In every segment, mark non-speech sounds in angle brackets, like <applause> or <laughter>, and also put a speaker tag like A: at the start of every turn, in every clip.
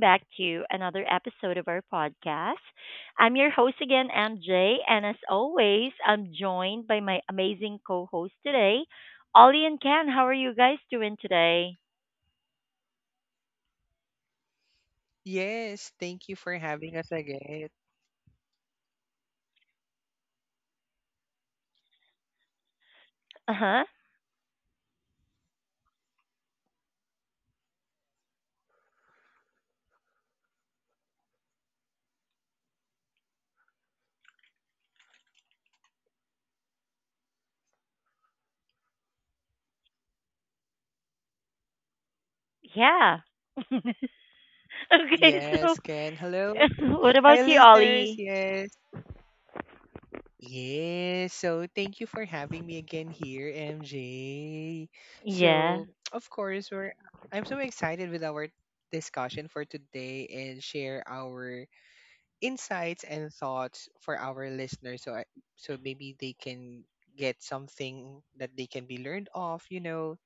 A: back to another episode of our podcast. I'm your host again, MJ, and as always, I'm joined by my amazing co host today, Ollie and Ken. How are you guys doing today?
B: Yes, thank you for having us again.
A: Uh huh. Yeah. <laughs> Okay, so
B: Yes, Ken. Hello.
A: <laughs> what about
B: Hi,
A: you,
B: listeners.
A: Ollie?
B: Yes. Yes. So, thank you for having me again here, MJ.
A: Yeah.
B: So, of course, we're I'm so excited with our discussion for today and share our insights and thoughts for our listeners so maybe they can get something that they can be learned off, you know.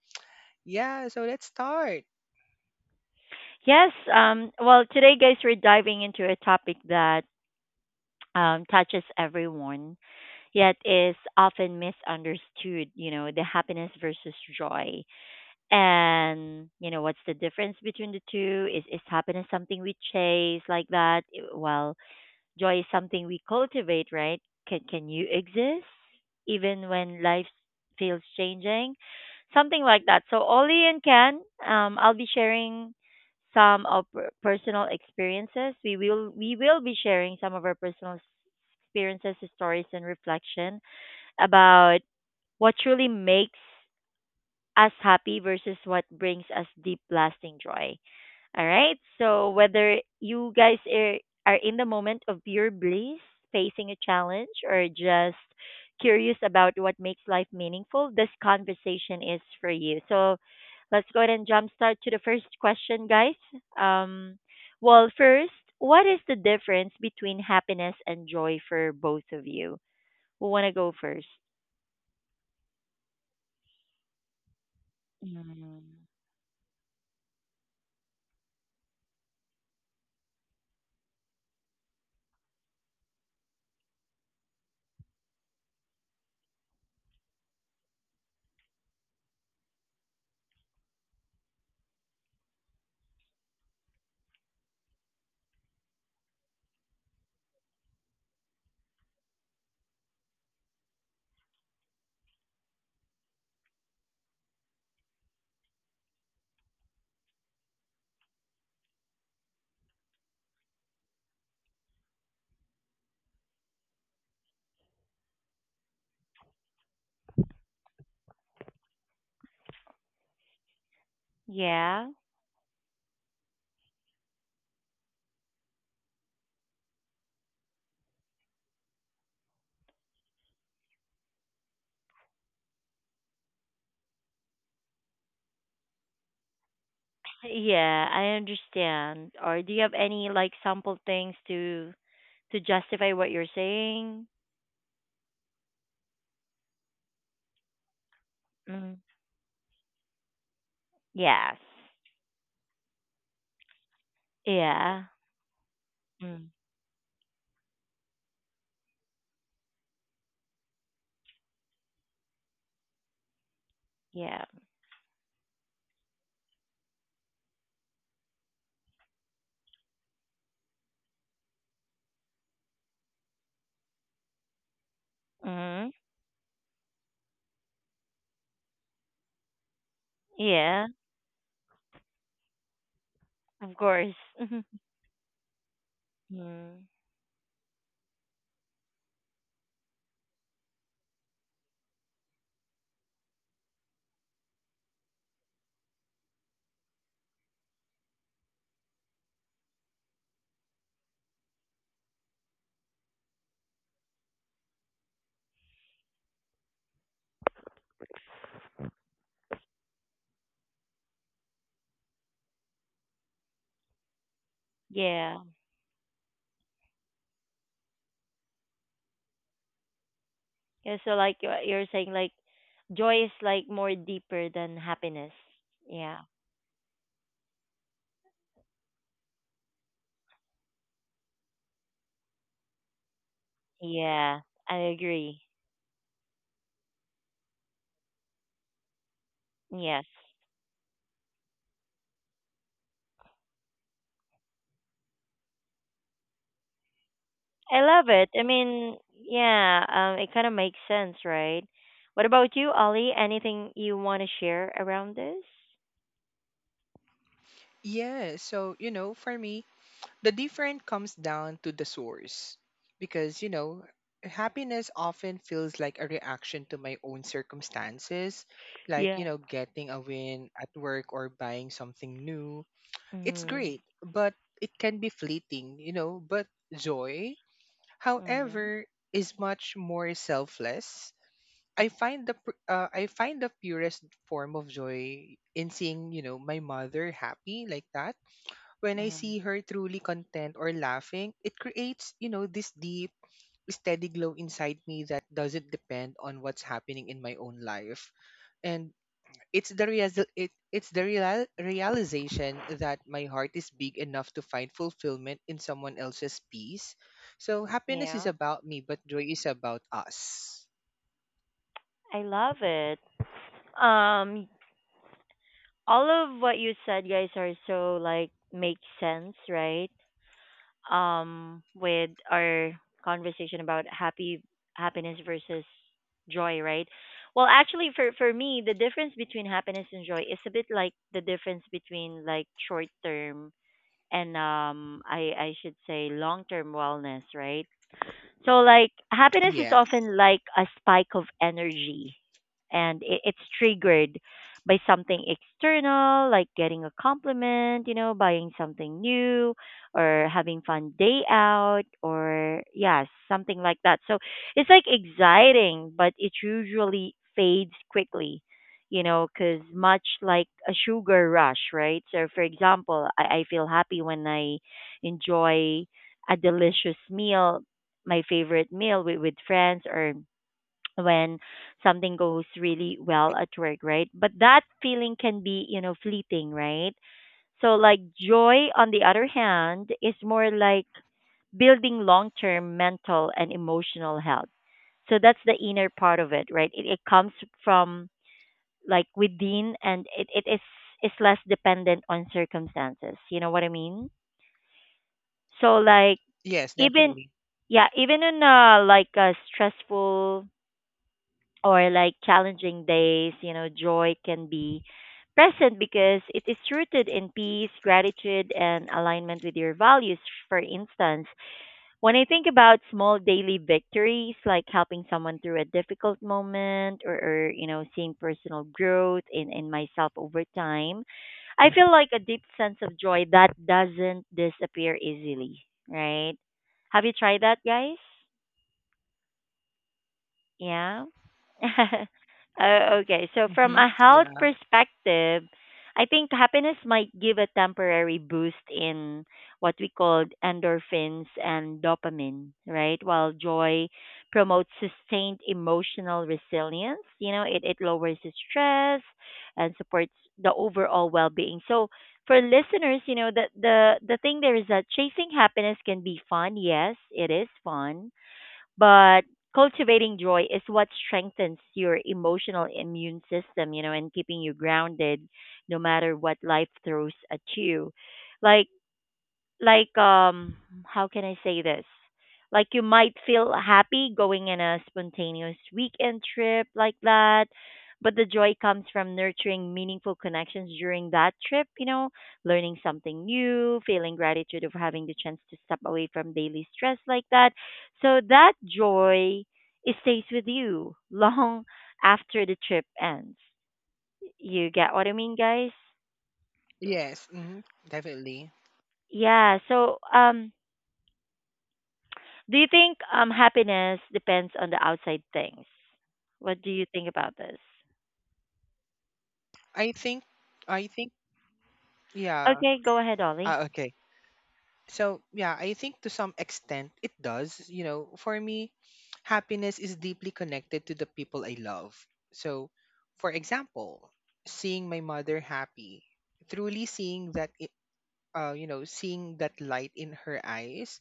B: Yeah, so let's start.
A: Yes. Today, guys, we're diving into a topic that touches everyone, yet is often misunderstood, the happiness versus joy. And, you know, what's the difference between the two? Is happiness something we chase like that? Well, joy is something we cultivate, right? Can you exist even when life feels changing? Something like that. So Ollie and Ken, I'll be sharing some of personal experiences. We will be sharing some of our personal experiences, stories, and reflection about what truly makes us happy versus what brings us deep lasting joy. All right. So whether you guys are in the moment of pure bliss, facing a challenge, or just curious about what makes life meaningful, this conversation is for you. So let's go ahead and jumpstart to the first question, guys. Um, first, what is the difference between happiness and joy for both of you? Who want to go first? Mm. Yeah. Yeah, I understand. Or do you have any like sample things to justify what you're saying? Mm. Yes. Yeah. Mm. Yeah. Mm. Yeah. Of course. <laughs> Mm. Yeah. Yeah. So like you're saying like joy is like more deeper than happiness. Yeah. Yeah. I agree. Yes. I love it. I mean, yeah, it kind of makes sense, right? What about you, Ollie? Anything you want to share around this?
B: Yeah, so you know, for me, the difference comes down to the source because you know happiness often feels like a reaction to my own circumstances like you
A: Yeah.
B: know getting a win at work or buying something new. It's
A: Mhm.
B: great but it can be fleeting, you know, but joy
A: Mhm.
B: however is much more selfless. I find I find the purest form of joy in seeing, you know, my mother happy. Like that when I
A: Mhm.
B: see her truly content or laughing, it creates, you know, this deep, steady glow inside me that doesn't depend on what's happening in my own life. And it's the real, it's the real realization that my heart is big enough to find fulfillment in someone else's peace. So happiness is
A: Yeah.
B: about me, but joy is about us.
A: I love it. Um, all of what you said, guys, are so like make sense, right? With our conversation about happy happiness versus joy, right? Well, actually for me, the difference between happiness and joy is a bit like the difference between like short term and I should say long term wellness, right? So like happiness is
B: Yes.
A: often like a spike of energy and it's triggered by something external like getting a compliment, you know, buying something new or having fun day out or yeah, something like that. So it's like exciting, but it usually fades quickly. You know, because much like a sugar rush, right? So, for example, I feel happy when I enjoy a delicious meal, my favorite meal with friends or when something goes really well at work, right? But that feeling can be, you know, fleeting, right? So, like, joy, on the other hand, is more like building long term mental and emotional health. So, that's the inner part of it, right? It comes from like within and it is less dependent on circumstances. You know what I mean? So like
B: Yes,
A: even
B: definitely.
A: yeah, even in a like a stressful or like challenging days, you know, joy can be present because it is rooted in peace, gratitude, and alignment with your values. For instance, when I think about small daily victories, like helping someone through a difficult moment or you know, seeing personal growth in myself over time, I feel like a deep sense of joy that doesn't disappear easily, right? Have you tried that, guys? Yeah. <laughs> Oh, okay. So from
B: Mm-hmm.
A: a health
B: Yeah.
A: perspective, I think happiness might give a temporary boost in what we call endorphins and dopamine, right? While joy promotes sustained emotional resilience, you know, it lowers the stress and supports the overall well being. So for listeners, you know, the thing there is that chasing happiness can be fun. Yes, it is fun but cultivating joy is what strengthens your emotional immune system, you know, and keeping you grounded no matter what life throws at you. Like like how can I say this? Like you might feel happy going in a spontaneous weekend trip like that, but the joy comes from nurturing meaningful connections during that trip, you know, learning something new, feeling gratitude of having the chance to step away from daily stress like that. So that joy it stays with you <laughs> long after the trip ends. You get what I mean, guys?
B: Yes. Mm-hmm. Definitely.
A: Yeah, so do you think happiness depends on the outside things? What do you think about this?
B: I think. I think. Yeah.
A: Okay, go ahead, Ollie.
B: Ah, okay. So, yeah, I think to some extent it does. You know, for me, happiness is deeply connected to the people I love. So, for example, seeing my mother happy, truly seeing that, you know, seeing that light in her eyes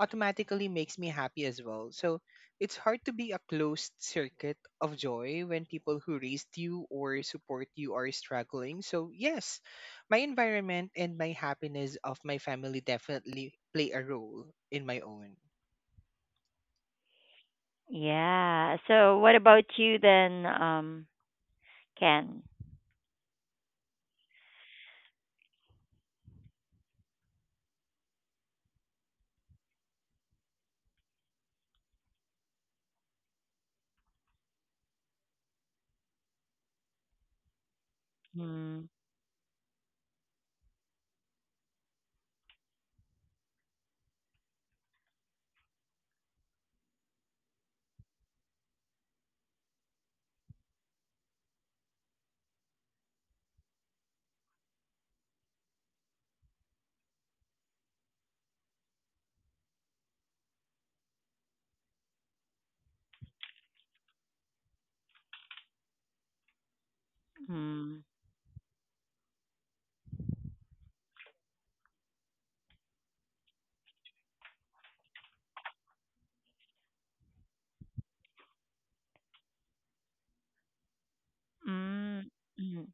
B: automatically makes me happy as well. So it's hard to be a closed circuit of joy when people who raised you or support you are struggling. So, yes, my environment and my happiness of my family definitely play a role in my own.
A: Yeah. So what about you then, Ken? Mm, mm, mm, mm.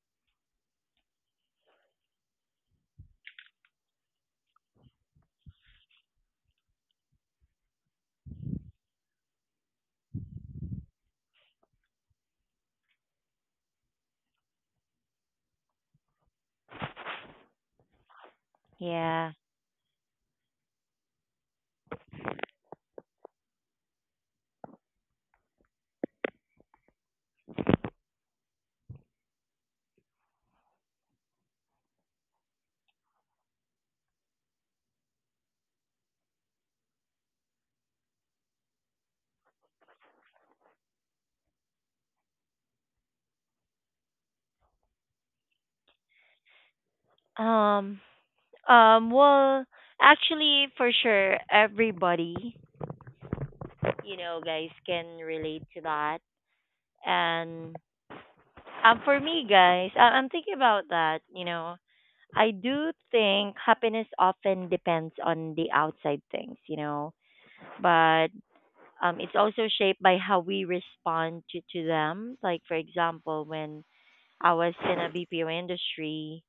A: Yeah. Um, well, actually, for sure, everybody, you know, guys can relate to that. And for me, guys, I'm thinking about that. You know, I do think happiness often depends on the outside things, you know, but it's also shaped by how we respond to them. Like, for example, when I was in a BPO industry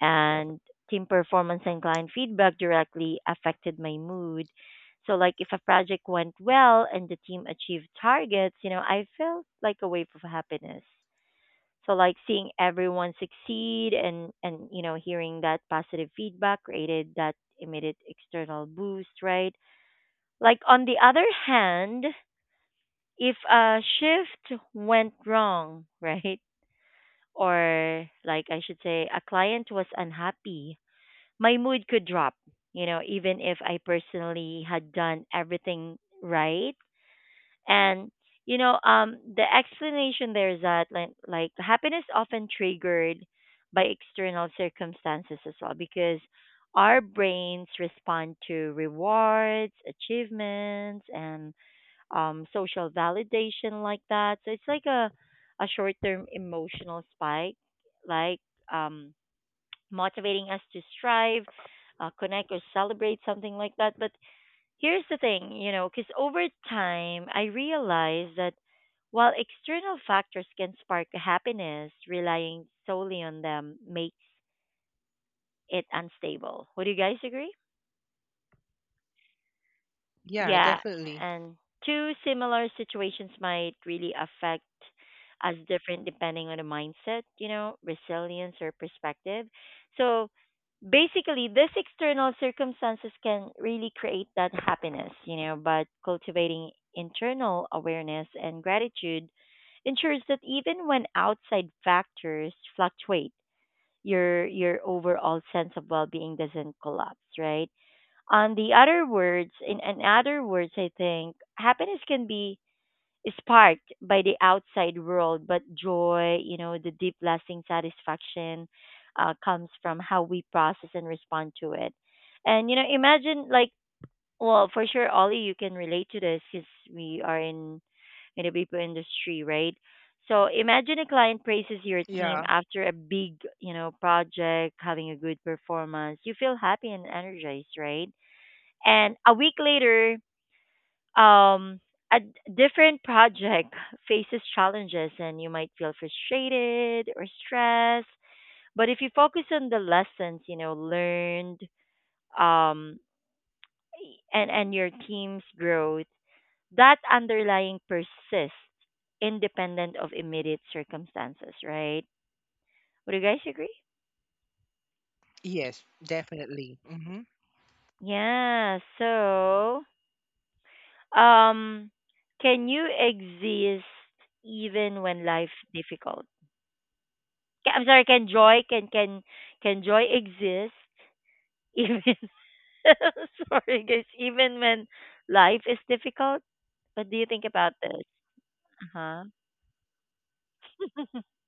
A: and team performance and client feedback directly affected my mood. So, like, if a project went well and the team achieved targets, you know, I felt like a wave of happiness so like seeing everyone succeed and you know hearing that positive feedback created that immediate external boost, right? Like on the other hand, if a shift went wrong, <laughs> right? Or like I should say a client was unhappy, my mood could drop, you know, even if I personally had done everything right. And you know, the explanation there is that like happiness often triggered by external circumstances as well because our brains respond to rewards, achievements, and social validation like that. So it's like a short term emotional spike, like um, motivating us to strive, connect, or celebrate something like that. But here's the thing, you know, because over time I realized that while external factors can spark happiness, relying solely on them makes it unstable. Would you guys agree?
B: Yeah,
A: Yeah,
B: definitely.
A: and two similar situations might really affect us different depending on the mindset, you know, resilience or perspective. So basically, this external circumstances can really create that happiness, you know, but cultivating internal awareness and gratitude ensures that even when outside factors fluctuate, your overall sense of well-being doesn't collapse, right? On the other words in other words I think happiness can be sparked by the outside world but joy you know the deep lasting satisfaction comes from how we process and respond to it and you know imagine like well for sure Ollie you can relate to this because we are in the people industry right? So imagine a client praises your team
B: Yeah.
A: after a big you know project having a good performance you feel happy and energized right and a week later, um, a different project <laughs> faces challenges, and you might feel frustrated or stressed. But if you focus on the lessons, you know, learned, um, and your team's growth, that underlying persists, independent of immediate circumstances. Right? Would you guys agree?
B: Yes, definitely. Mm-hmm.
A: Yeah. So, um, can you exist even when life difficult? I'm sorry, can joy exist even <laughs> sorry guys, even when life is difficult? What do you think about this? Uh-huh. <laughs>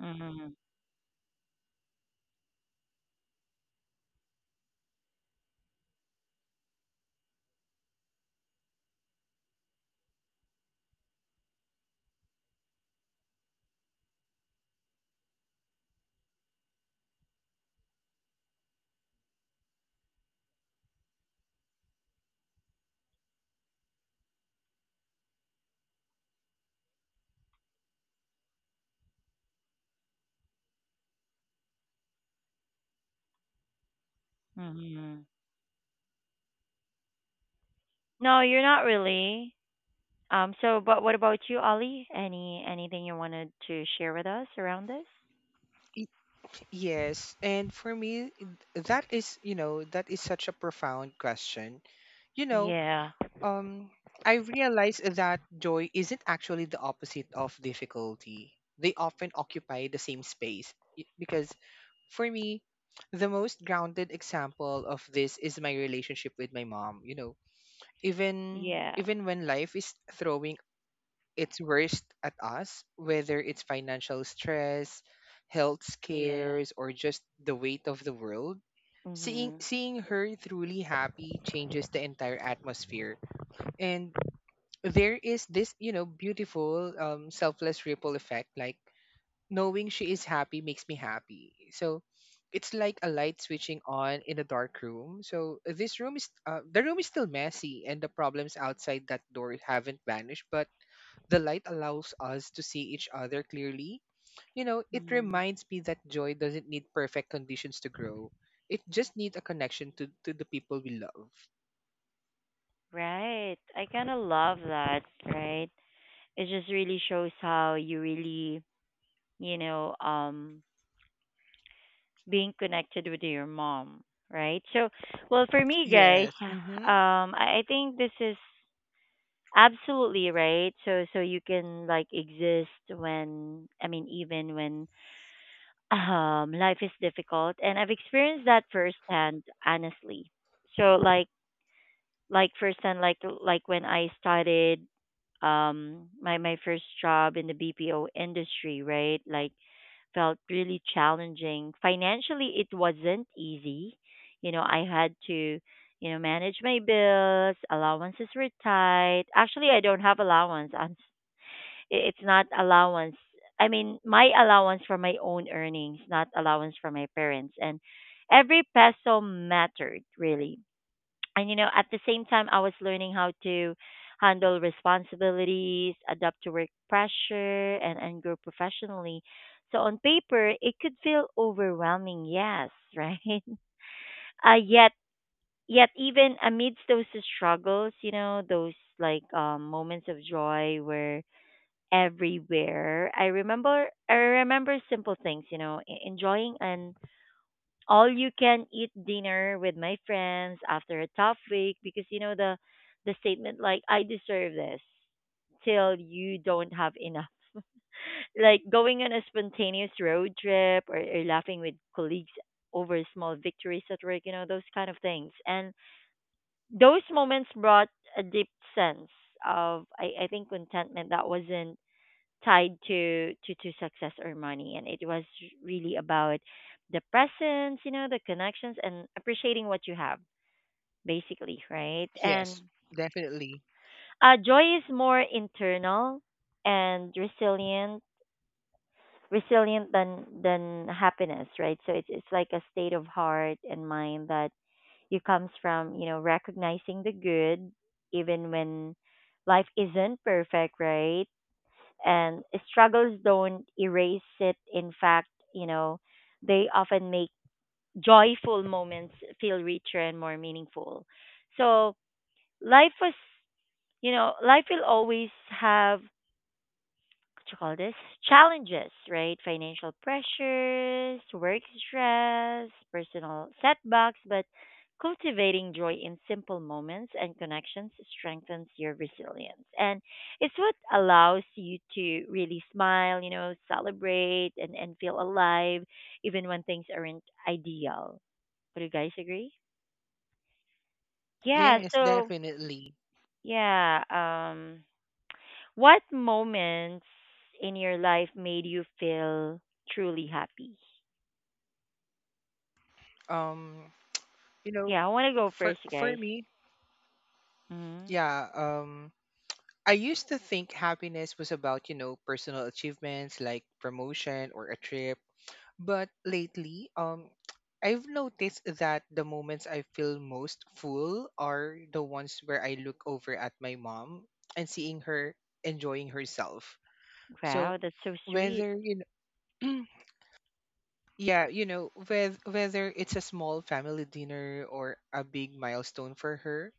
A: Mm-hmm. Mm-hmm. No, you're not really. So but what about you, Ollie? Anything you wanted to share with us around this?
B: Yes, and for me, that is, you know, that is such a profound question. You know,
A: Yeah.
B: um, I realized that joy isn't actually the opposite of difficulty. They often occupy the same space. Because for me, the most grounded example of this is my relationship with my mom. You know, even
A: Yeah.
B: even when life is throwing its worst at us, whether it's financial stress, health
A: Yeah.
B: scares, or just the weight of the world, seeing
A: Mhm.
B: seeing her truly happy changes the entire atmosphere. And there is this, you know, beautiful, selfless ripple effect. Like knowing she is happy makes me happy. So it's like a light switching on in a dark room. So this room is the room is still messy and the problems outside that door haven't vanished, but the light allows us to see each other clearly. You know, it
A: Mhm.
B: reminds me that joy doesn't need perfect conditions to grow. It just needs a connection to the people we love.
A: Right. I kind of love that, right? It just really shows how you really you know, being connected with your mom, right? So, well, for me, guys,
B: Yes.
A: <sighs>
B: Mm-hmm.
A: I think this is absolutely right. So, so you can like exist when, I mean, even when <laughs> life is difficult, and I've experienced that firsthand, honestly. So, like firsthand, when I started my first job in the BPO industry, right? Like felt really challenging. Financially, it wasn't easy. You know, I had to, you know, manage my bills. Allowances were tight. Actually, I don't have allowance. It's not allowance. I mean, my allowance for my own earnings, not allowance for my parents. And every peso mattered, really and you know at the same time I was learning how to handle responsibilities adapt to work pressure and grow professionally so on paper it could feel overwhelming yes <laughs> right uh yet yet even amidst those struggles you know those like moments of joy were everywhere. I remember simple things you know enjoying an all you can eat dinner with my friends after a tough week because you know the statement like I deserve this till you don't have enough. <laughs> Like going on a spontaneous road trip or laughing with colleagues over small victories at work, you know, those kind of things. And those moments brought a deep sense of, I think contentment that wasn't tied to, to success or money. And it was really about the presence, you know, the connections and appreciating what you have, basically, right? And
B: Yes, definitely.
A: joy is more internal and resilient, than happiness, right? So it's like a state of heart and mind that you comes from, you know, recognizing the good even when life isn't perfect, right? And struggles don't erase it. In fact, you know, they often make joyful moments feel richer and more meaningful. So life was, life will always have what you call this challenges, right? Financial pressures, work stress, personal setbacks, but cultivating joy in simple moments and connections strengthens your resilience. And it's what allows you to really smile, you know, celebrate and, feel alive even when things aren't ideal. Would you guys agree? Yeah,
B: Yes,
A: so
B: definitely.
A: yeah. What moments in your life made you feel truly happy?
B: Um, you know,
A: Yeah, I want to go
B: for
A: first,
B: for
A: guys.
B: me,
A: Hmm.
B: yeah, I used to think happiness was about, you know, personal achievements like promotion or a trip, but lately, <tsk> I've noticed that the moments I feel most full are the ones where I look over at my mom and seeing her enjoying herself. So,
A: Wow, that's so sweet.
B: whether you know, <clears throat> yeah, you know, whether it's a small family dinner or a big milestone for her,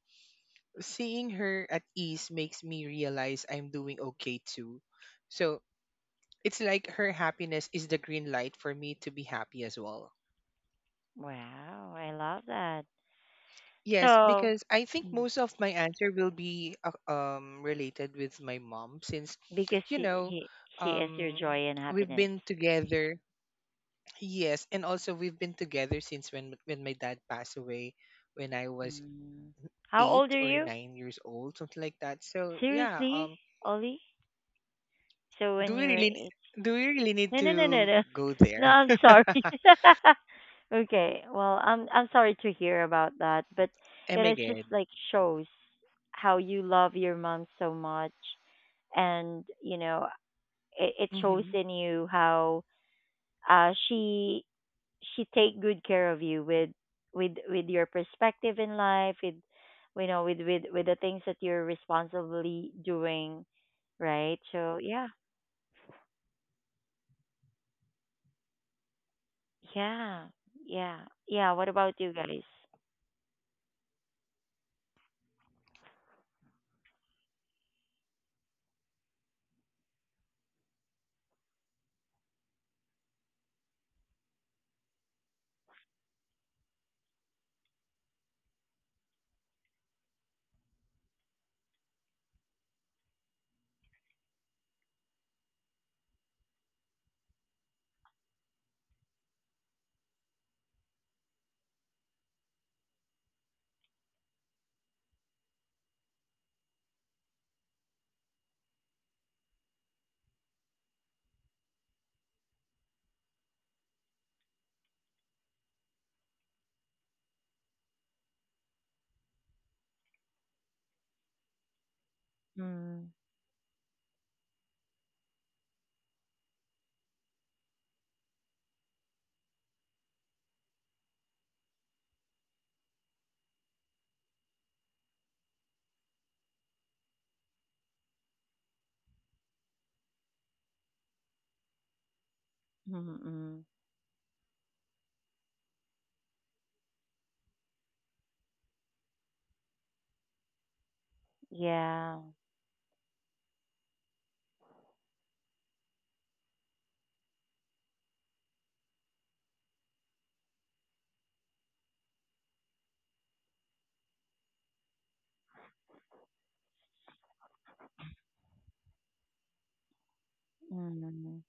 B: seeing her at ease makes me realize I'm doing okay too. So it's like her happiness is the green light for me to be happy as well.
A: Wow, I love that.
B: Yes,
A: So,
B: because I think
A: Mm.
B: most of my answer will be related with my mom since,
A: because
B: you know,
A: he she is your
B: um
A: joy and
B: we've
A: happiness.
B: been together. Yes, and also we've been together since when my dad passed away when I was
A: Mm. How old
B: eight
A: are
B: or
A: you?
B: nine years old, something like that. So yeah,
A: Seriously, Ollie? So
B: do
A: when
B: we
A: you were
B: really
A: 8,
B: need
A: no, no, no, no,
B: to
A: no. <laughs>
B: go
A: No,
B: there?
A: I'm
B: <laughs>
A: sorry. <laughs> Okay. Well, I'm sorry to hear about that, but it
B: Am I
A: is just
B: good?
A: like shows how you love your mom so much, and you know it, it shows in you how uh she she take good care of you with with your perspective in life, with you know with with the things that you're responsibly doing, right? So yeah. Yeah, yeah, yeah. What about you guys? Mm, mm-mm, yeah. Mm.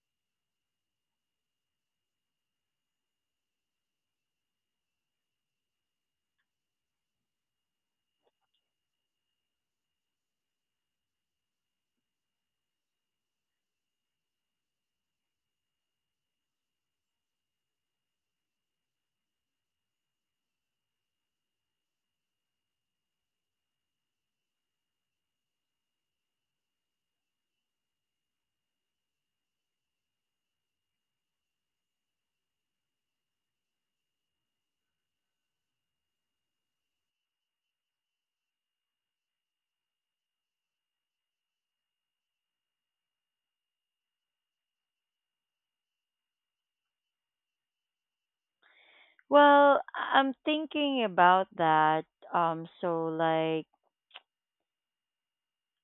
A: Well, I'm thinking about that. Um, so like,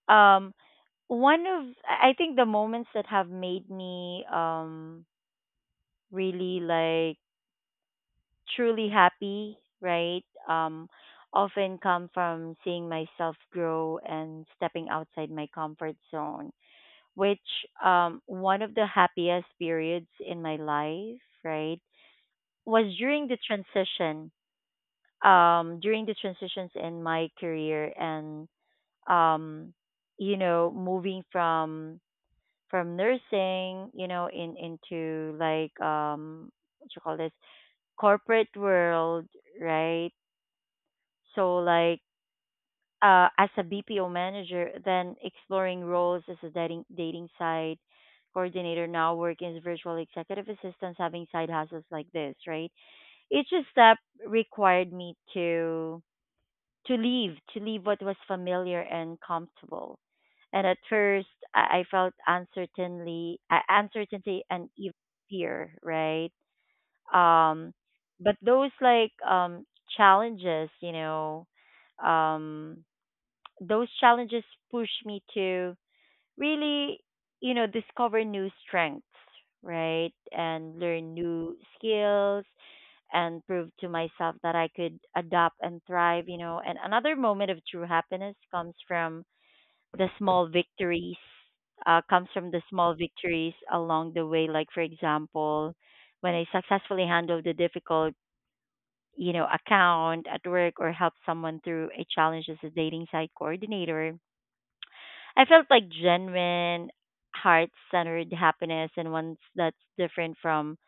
A: um, one of I think the moments that have made me really like truly happy, right? Often come from seeing myself grow and stepping outside my comfort zone, which one of the happiest periods in my life, right, was during the transition, during the transitions in my career and um you know moving from nursing, you know, in into like what you call this corporate world, right? So like as a BPO manager, then exploring roles as a dating site coordinator, now working as virtual executive assistant, having side hustles like this, right? Each step required me to to leave what was familiar and comfortable. And at first, I felt uncertainly, uncertainty and even fear, right? Um, but those like challenges, you know, um those challenges push me to really, you know, discover new strengths, right? And learn new skills and prove to myself that I could adapt and thrive, you know. And another moment of true happiness comes from the small victories, along the way. Like, for example, when I successfully handled a difficult, you know, account at work or help someone through a challenge as a dating site coordinator, I felt like genuine, heart centered happiness, and ones that's different from,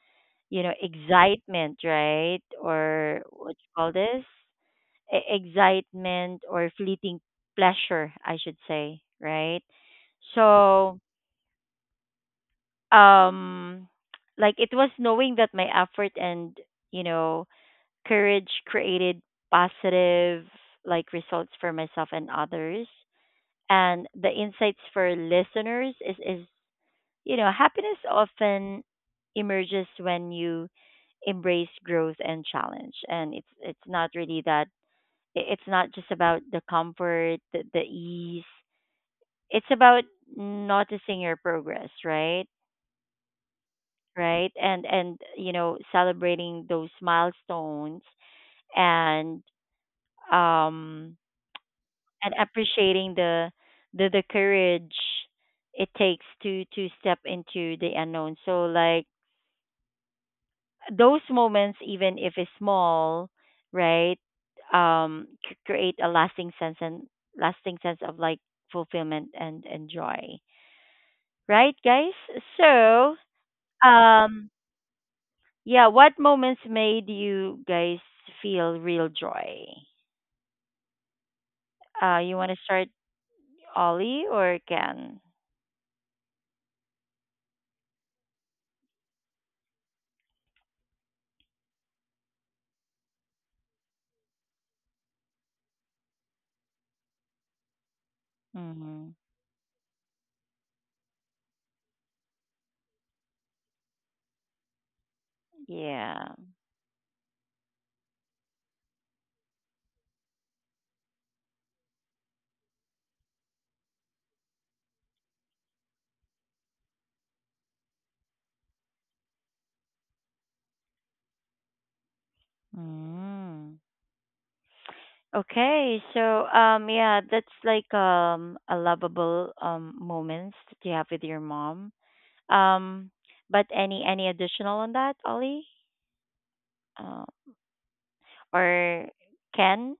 A: you know, excitement, right? Or what you call this? Excitement or fleeting pleasure, I should say, right? So, um, like it was knowing that my effort and, you know, courage created positive, like results for myself and others. And the insights for listeners is you know, happiness often emerges when you embrace growth and challenge, and it's not really that. It's not just about the comfort, the, ease. It's about noticing your progress, right? Right, and you know, celebrating those milestones and um appreciating the the courage it takes to step into the unknown. So like those moments, even if it's small, right, create a lasting sense and lasting sense of like fulfillment and, joy, right, guys? So, um, yeah, what moments made you guys feel real joy? You want to start, Ollie or Ken? Mm-hmm. Yeah. Mm. Okay, so yeah, that's like a lovable moments that you have with your mom. Um but any additional on that, Ollie? Uh, or Ken?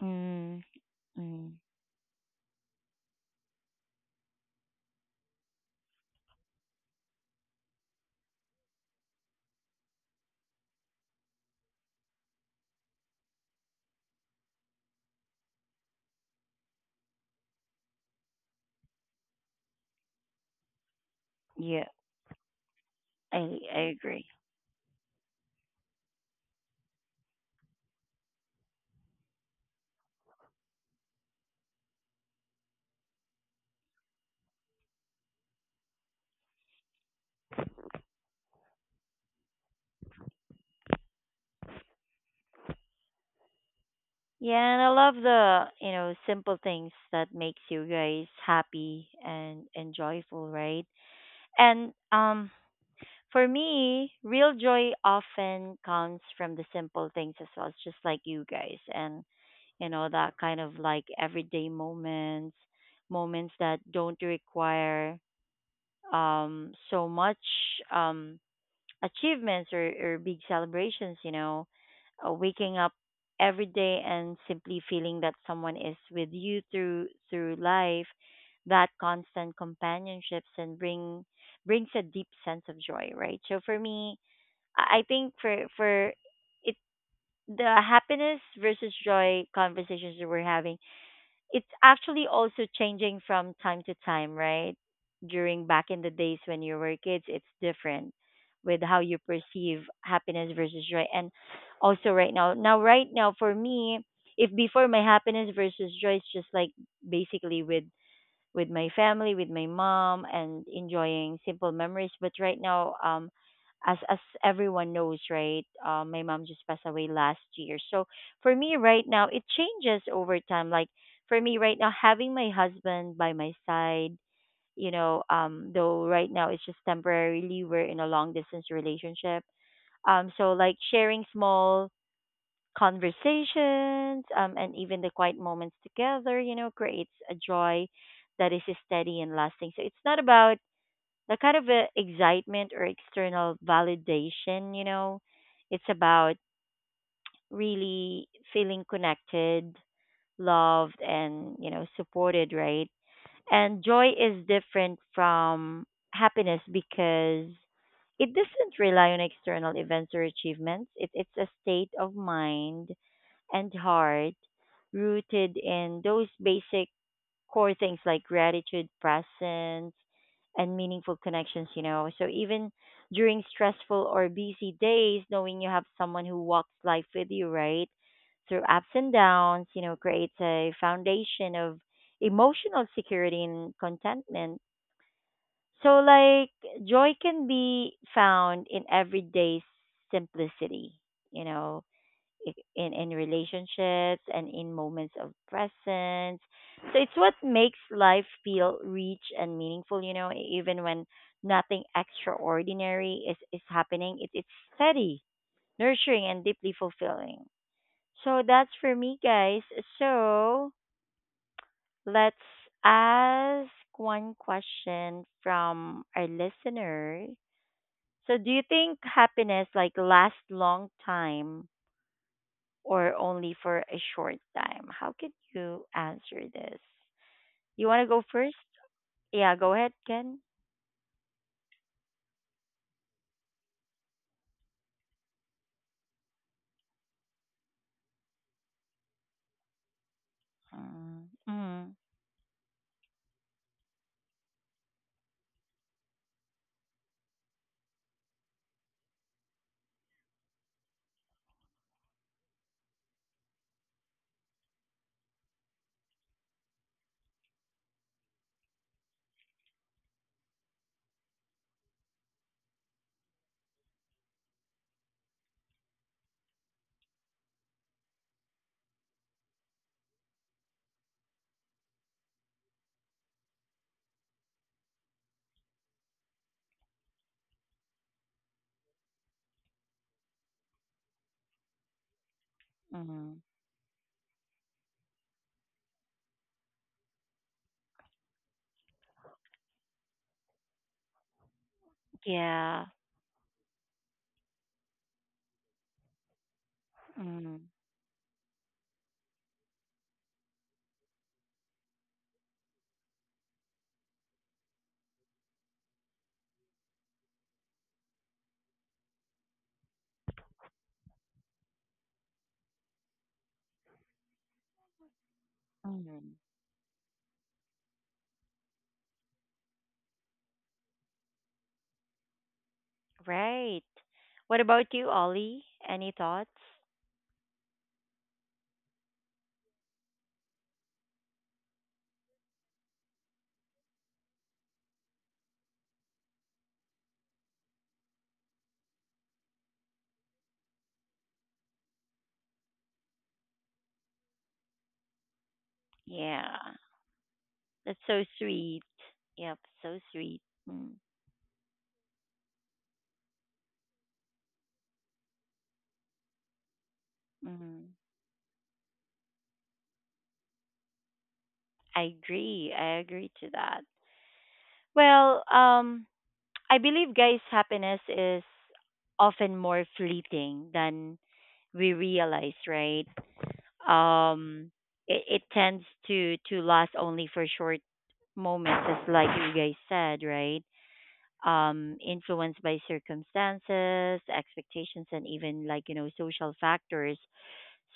A: Mm, mm, mm, yeah, I agree. Yeah, and I love the, you know, simple things that makes you guys happy and joyful, right? And for me, real joy often comes from the simple things as well. It's just like you guys, and you know that kind of like everyday moments, moments that don't require so much um achievements or, big celebrations, you know. Waking up every day and simply feeling that someone is with you through life, that constant companionships and brings a deep sense of joy, right? So for me, I think for it the happiness versus joy conversations that we're having, it's actually also changing from time to time, right? During back in the days when you were kids, it's different with how you perceive happiness versus joy and also right now. Right now for me, if before my happiness versus joy is just like basically with my family, with my mom, and enjoying simple memories. But right now, as everyone knows, right, my mom just passed away last year. So for me right now, it changes over time. Like for me right now, having my husband by my side, you know, though right now it's just temporarily we're in a long distance relationship. So like sharing small conversations, and even the quiet moments together, you know, creates a joy that is steady and lasting. So it's not about the kind of excitement or external validation, you know, it's about really feeling connected, loved, and, you know, supported, right? And joy is different from happiness because it doesn't rely on external events or achievements. It, it's a state of mind and heart rooted in those basic core things like gratitude, presence, and meaningful connections, you know. So even during stressful or busy days, knowing you have someone who walks life with you, right? Through ups and downs, you know, creates a foundation of emotional security and contentment. So, like, joy can be found in everyday simplicity, you know, in relationships and in moments of presence. So it's what makes life feel rich and meaningful, you know, even when nothing extraordinary is happening. It, it's steady, nurturing and deeply fulfilling. So that's for me, guys. So let's ask one question from our listener. So do you think happiness like lasts long time or only for a short time? How could you answer this? You want to go first? Yeah, go ahead, Ken. Mm, mm, mm. Yeah. Mm, mm. Right. What about you, Ollie? Any thoughts? Yeah. That's so sweet. Yep, so sweet. Mm, mm. I agree. I agree to that. Well, I believe, guys, happiness is often more fleeting than we realize, right? Um, it tends to last only for short moments, just like you guys said, right? Influenced by circumstances, expectations, and even like you know social factors.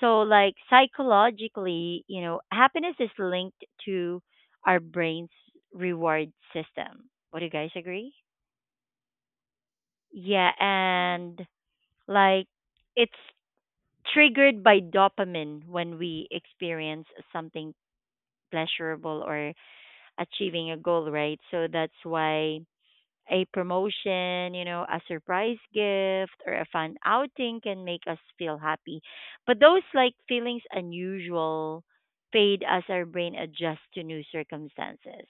A: So, like psychologically, you know, happiness is linked to our brain's reward system. Would you guys agree? Yeah, and like it's triggered by dopamine when we experience something pleasurable or achieving a goal, right? So that's why a promotion, you know, a surprise gift or a fun outing can make us feel happy. But those like feelings unusual fade as our brain adjusts to new circumstances,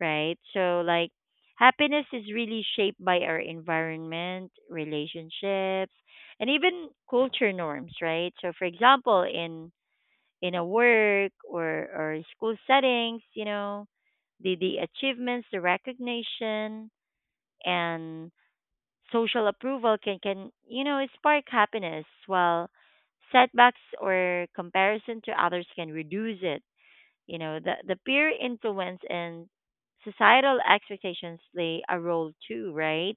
A: right? So like happiness is really shaped by our environment, relationships, and even culture norms, right? So for example, in a work or school settings, you know, the achievements, the recognition and social approval can, you know, spark happiness, while setbacks or comparison to others can reduce it. You know, the, peer influence and societal expectations play a role too, right?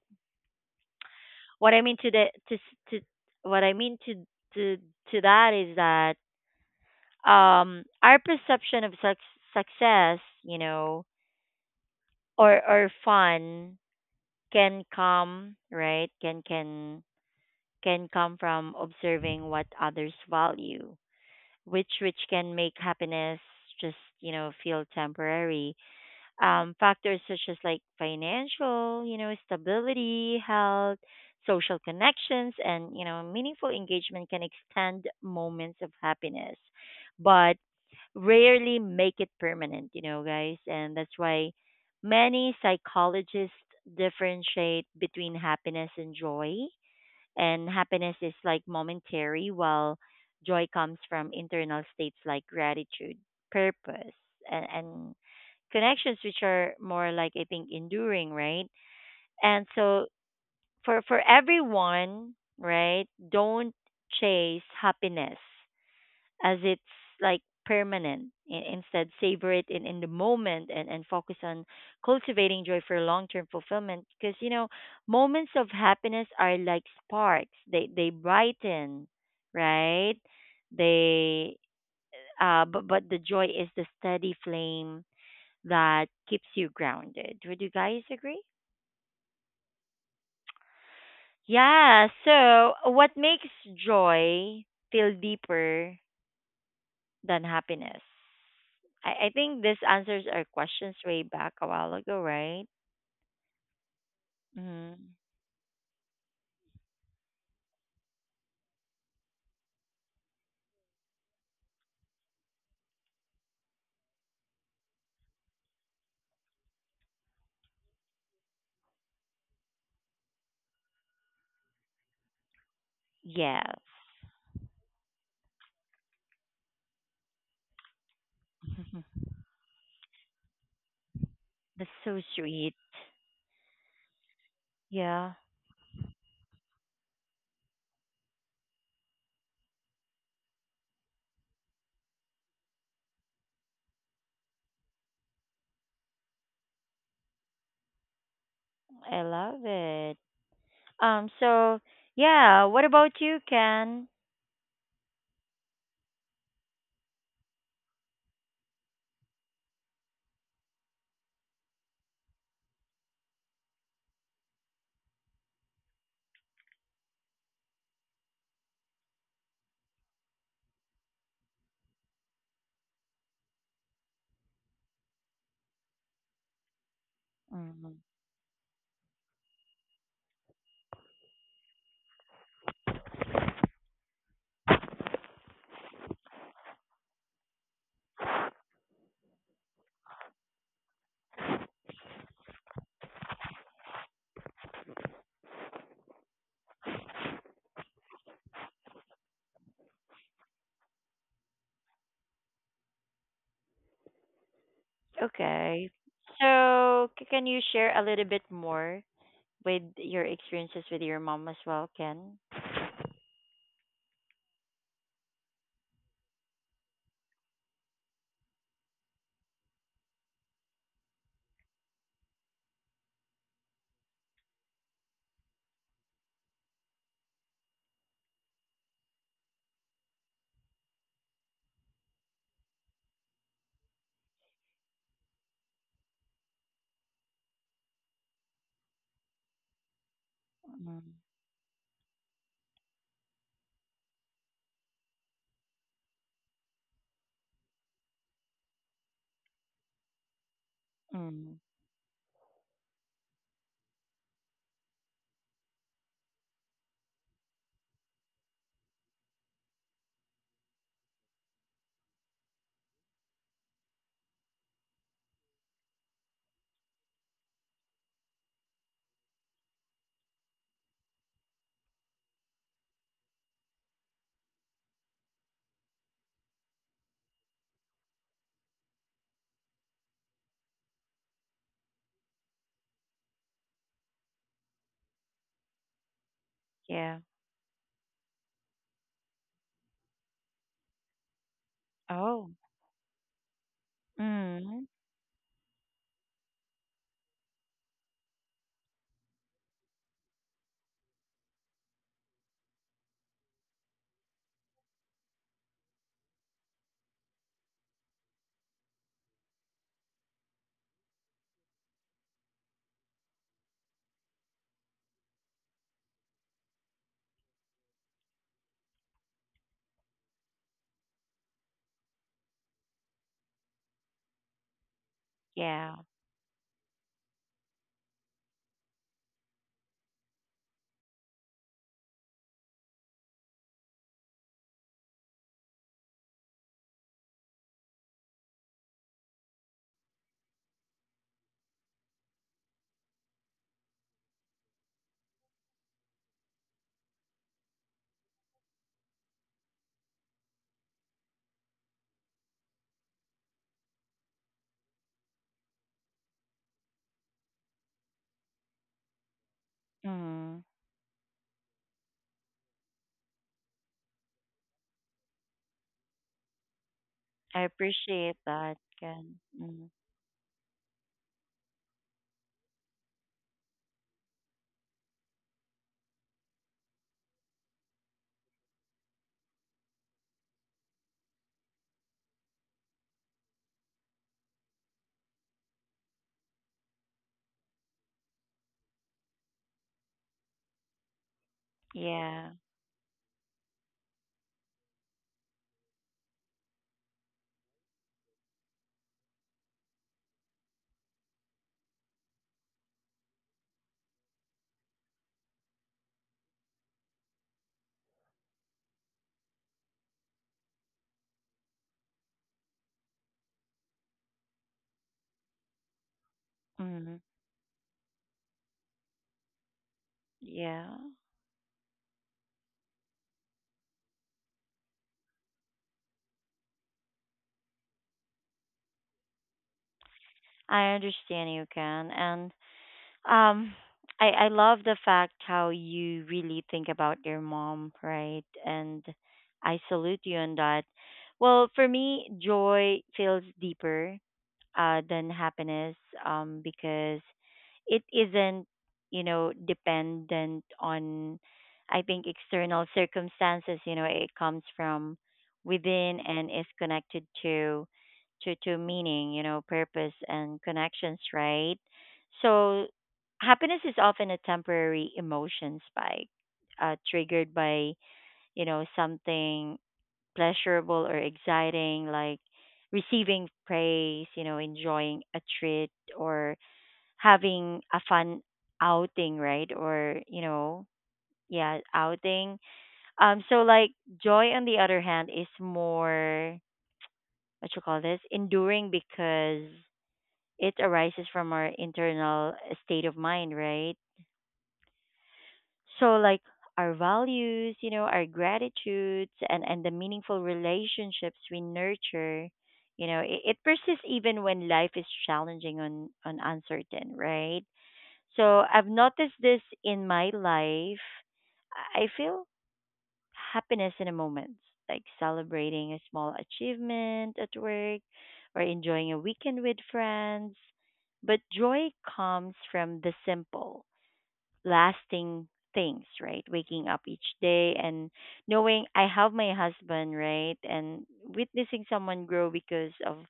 A: What I mean to the to what I mean to to that is that our perception of success, you know, or fun can come, right? Can can come from observing what others value, which can make happiness just, you know, feel temporary. Factors such as like financial, you know, stability, health, social connections, and you know, meaningful engagement can extend moments of happiness, but rarely make it permanent, you know, guys. And that's why many psychologists differentiate between happiness and joy. And happiness is like momentary, while joy comes from internal states like gratitude, purpose, and, connections, which are more like I think enduring, right? And so for everyone, right, don't chase happiness as it's like permanent. Instead, savor it in, the moment and, focus on cultivating joy for long term fulfillment. Because you know, moments of happiness are like sparks. They brighten, right? They but the joy is the steady flame that keeps you grounded. Would you guys agree? Yeah. So, what makes joy feel deeper than happiness? I think this answers our questions way back a while ago, right? Mm. Yes. <laughs> That's so sweet. Yeah, I love it. So yeah, what about you, Ken? Mm. Okay. So can you share a little bit more with your experiences with your mom as well, Ken? Mm. Mm. Yeah. Oh. Mm. Yeah. Mm. I appreciate that, Ken. Mm. Yeah. Mm. Yeah. I understand you, Ken. And um I love the fact how you really think about your mom, right? And I salute you on that. Well, for me, joy feels deeper than happiness because it isn't, you know, dependent on, I think, external circumstances. You know, it comes from within and is connected to to meaning, you know, purpose and connections, right? So happiness is often a temporary emotion spike, triggered by, you know, something pleasurable or exciting, like receiving praise, you know, enjoying a treat or having a fun outing, right? Or, you know, yeah, outing. So like joy on the other hand is more, what you call this, enduring because it arises from our internal state of mind, right? So like our values, you know, our gratitudes and the meaningful relationships we nurture, you know, it persists even when life is challenging and uncertain, right? So I've noticed this in my life. I feel happiness in a moment, like celebrating a small achievement at work or enjoying a weekend with friends. But joy comes from the simple lasting things, right? Waking up each day and knowing I have my husband, right? And witnessing someone grow because of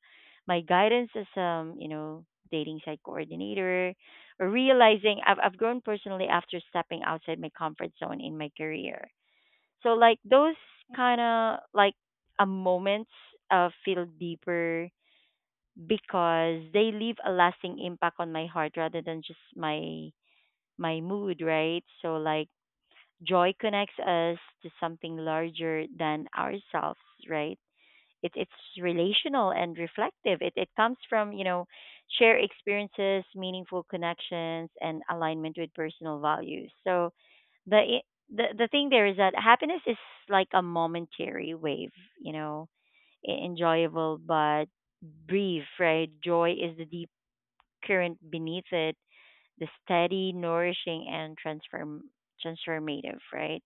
A: my guidance as, you know, dating site coordinator, or realizing I've grown personally after stepping outside my comfort zone in my career. So like those kind of like a moments feel deeper because they leave a lasting impact on my heart rather than just my mood, right? So like joy connects us to something larger than ourselves, right? It's relational and reflective. It comes from, you know, shared experiences, meaningful connections, and alignment with personal values. So the, the thing there is that happiness is like a momentary wave, you know, enjoyable but brief, right? Joy is the deep current beneath it, the steady, nourishing, and transformative, right?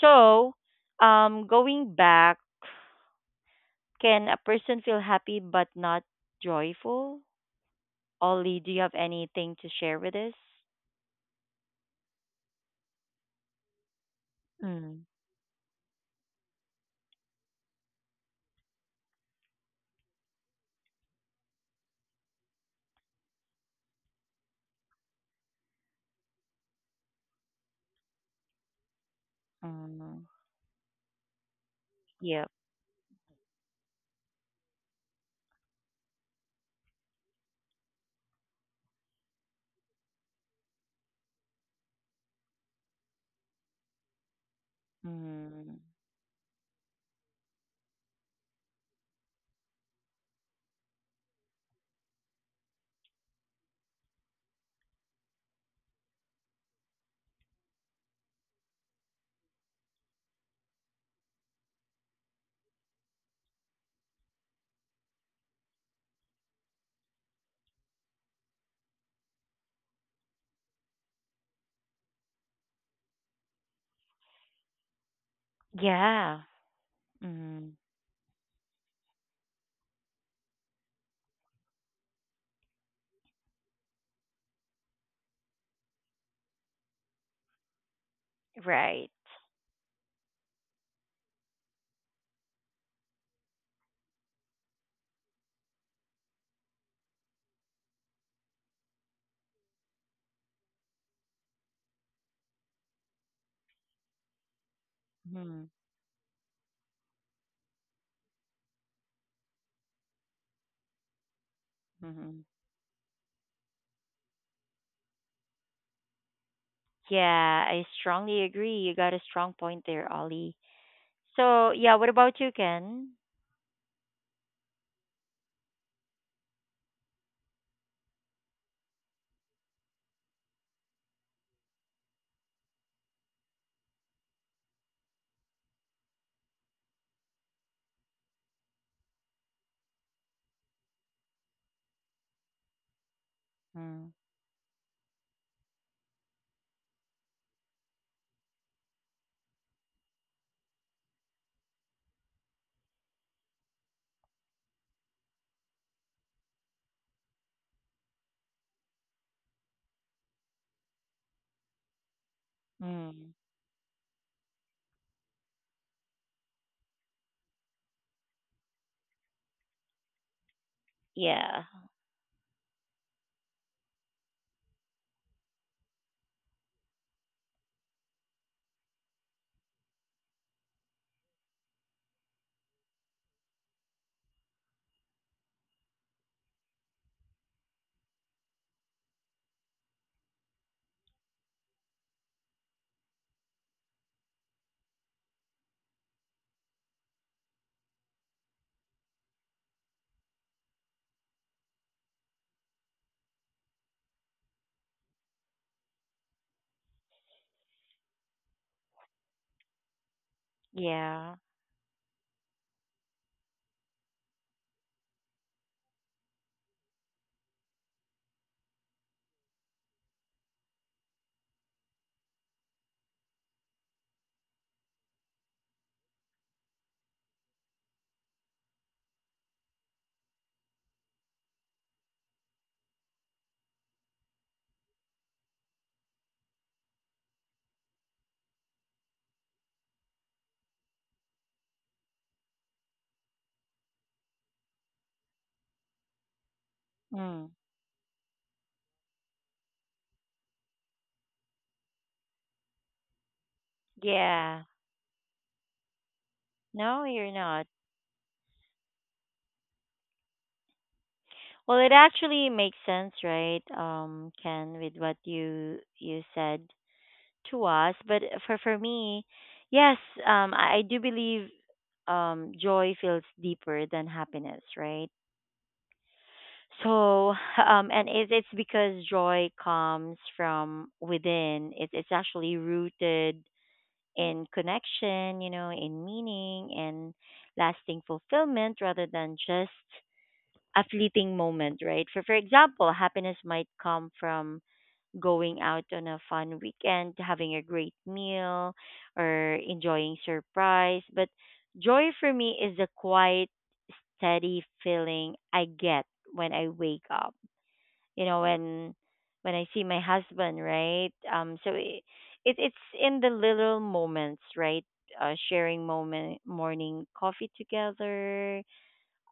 A: So, going back, can a person feel happy but not joyful? Ollie, do you have anything to share with us? Mm. Mm. Yep. Mm. Yeah. Mm. Right. Mm. Mm-hmm. Yeah, I strongly agree. You got a strong point there, Ollie. So, yeah, what about you, Ken? Mm. Mm. Yeah. Yeah. Mm. Yeah. No, you're not. Well, it actually makes sense, right? Ken, with what you said to us, but for me, yes, I do believe joy feels deeper than happiness, right? So, <laughs> and it's because joy comes from within. It's actually rooted in connection, you know, in meaning and lasting fulfillment rather than just a fleeting moment, right? For example, happiness might come from going out on a fun weekend, having a great meal, or enjoying surprise. But joy for me is a quiet, steady feeling I get when I wake up. You know, when I see my husband, right? So it's in the little moments, right? Sharing moment, morning coffee together,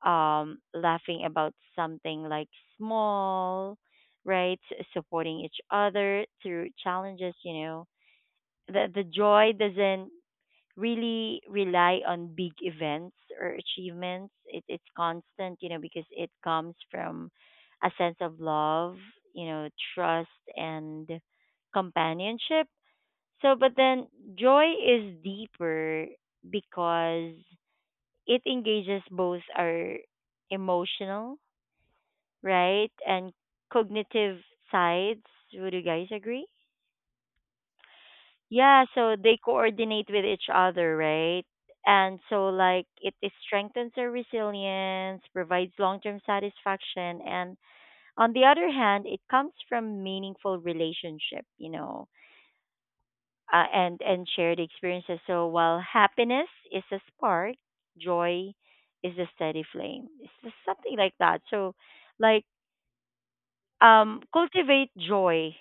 A: laughing about something like small, right? Supporting each other through challenges, you know. The joy doesn't really rely on big events or achievements. It's constant, you know, because it comes from a sense of love, you know, trust and companionship. So, but then joy is deeper because it engages both our emotional, right? And cognitive sides. Would you guys agree? Yeah, so they coordinate with each other, right? And so, like, it strengthens their resilience, provides long term satisfaction. And on the other hand, it comes from meaningful relationship, you know, and shared experiences. So, while happiness is a spark, joy is a steady flame. It's just something like that. So, like, cultivate joy,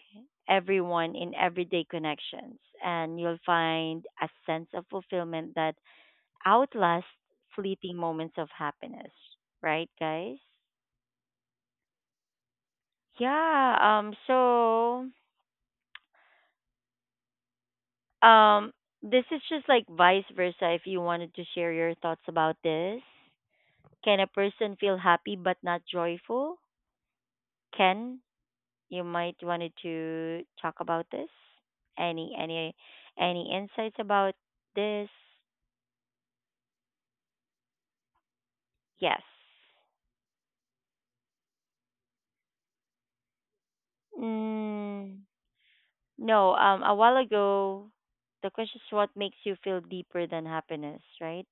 A: everyone, in everyday connections, and you'll find a sense of fulfillment that outlasts fleeting moments of happiness. Right, guys? Yeah. So, um, this is just like vice versa. If you wanted to share your thoughts about this, can a person feel happy but not joyful? Can you might wanted to talk about this? Any any insights about this? Yes. Mm, no. A while ago, the question is what makes you feel deeper than happiness, right?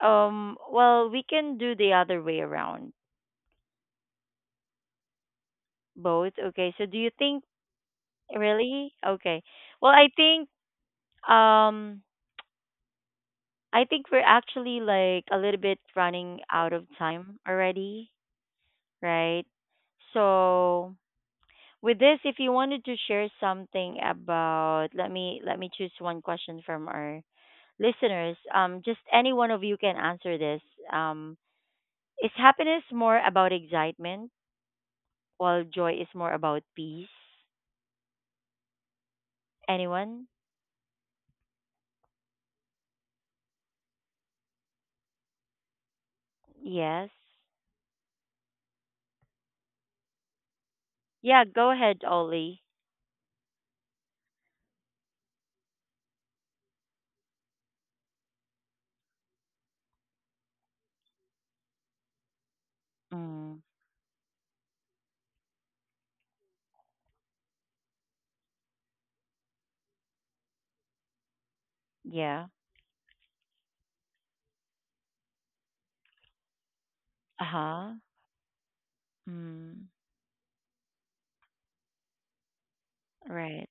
A: Well, we can do the other way around. Both. Okay. So do you think, really? Okay. Well, um I think we're actually like a little bit running out of time already, right? So with this, if you wanted to share something about, let me choose one question from our listeners. Just any one of you can answer this. Um, is happiness more about excitement, while joy is more about peace? Anyone? Yes. Yeah. Go ahead, Ollie. Mm, yeah. Uh huh. Mm, right.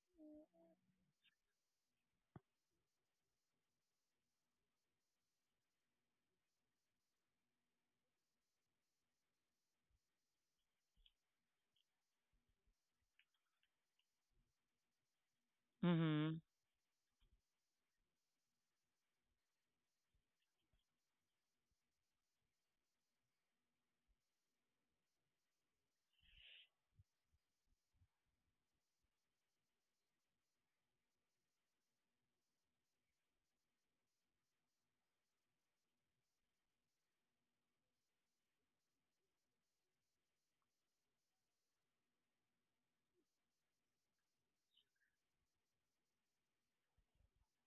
A: Mhm.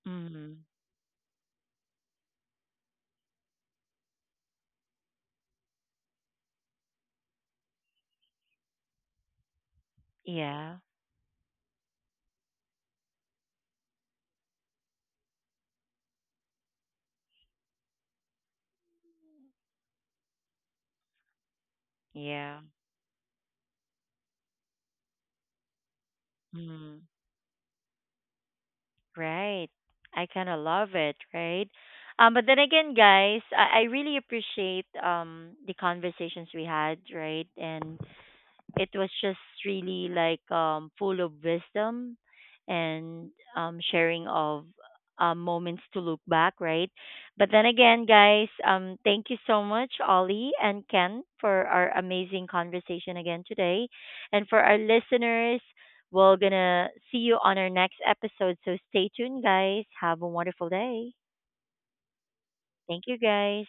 A: Mhm. Yeah. Yeah. Mhm. Right. I kind of love it, right? But then again, guys, I really appreciate the conversations we had, right? And it was just really like full of wisdom and sharing of moments to look back, right? But then again, guys, thank you so much, Ollie and Ken, for our amazing conversation again today. And for our listeners, we're going to see you on our next episode. So stay tuned, guys. Have a wonderful day. Thank you, guys.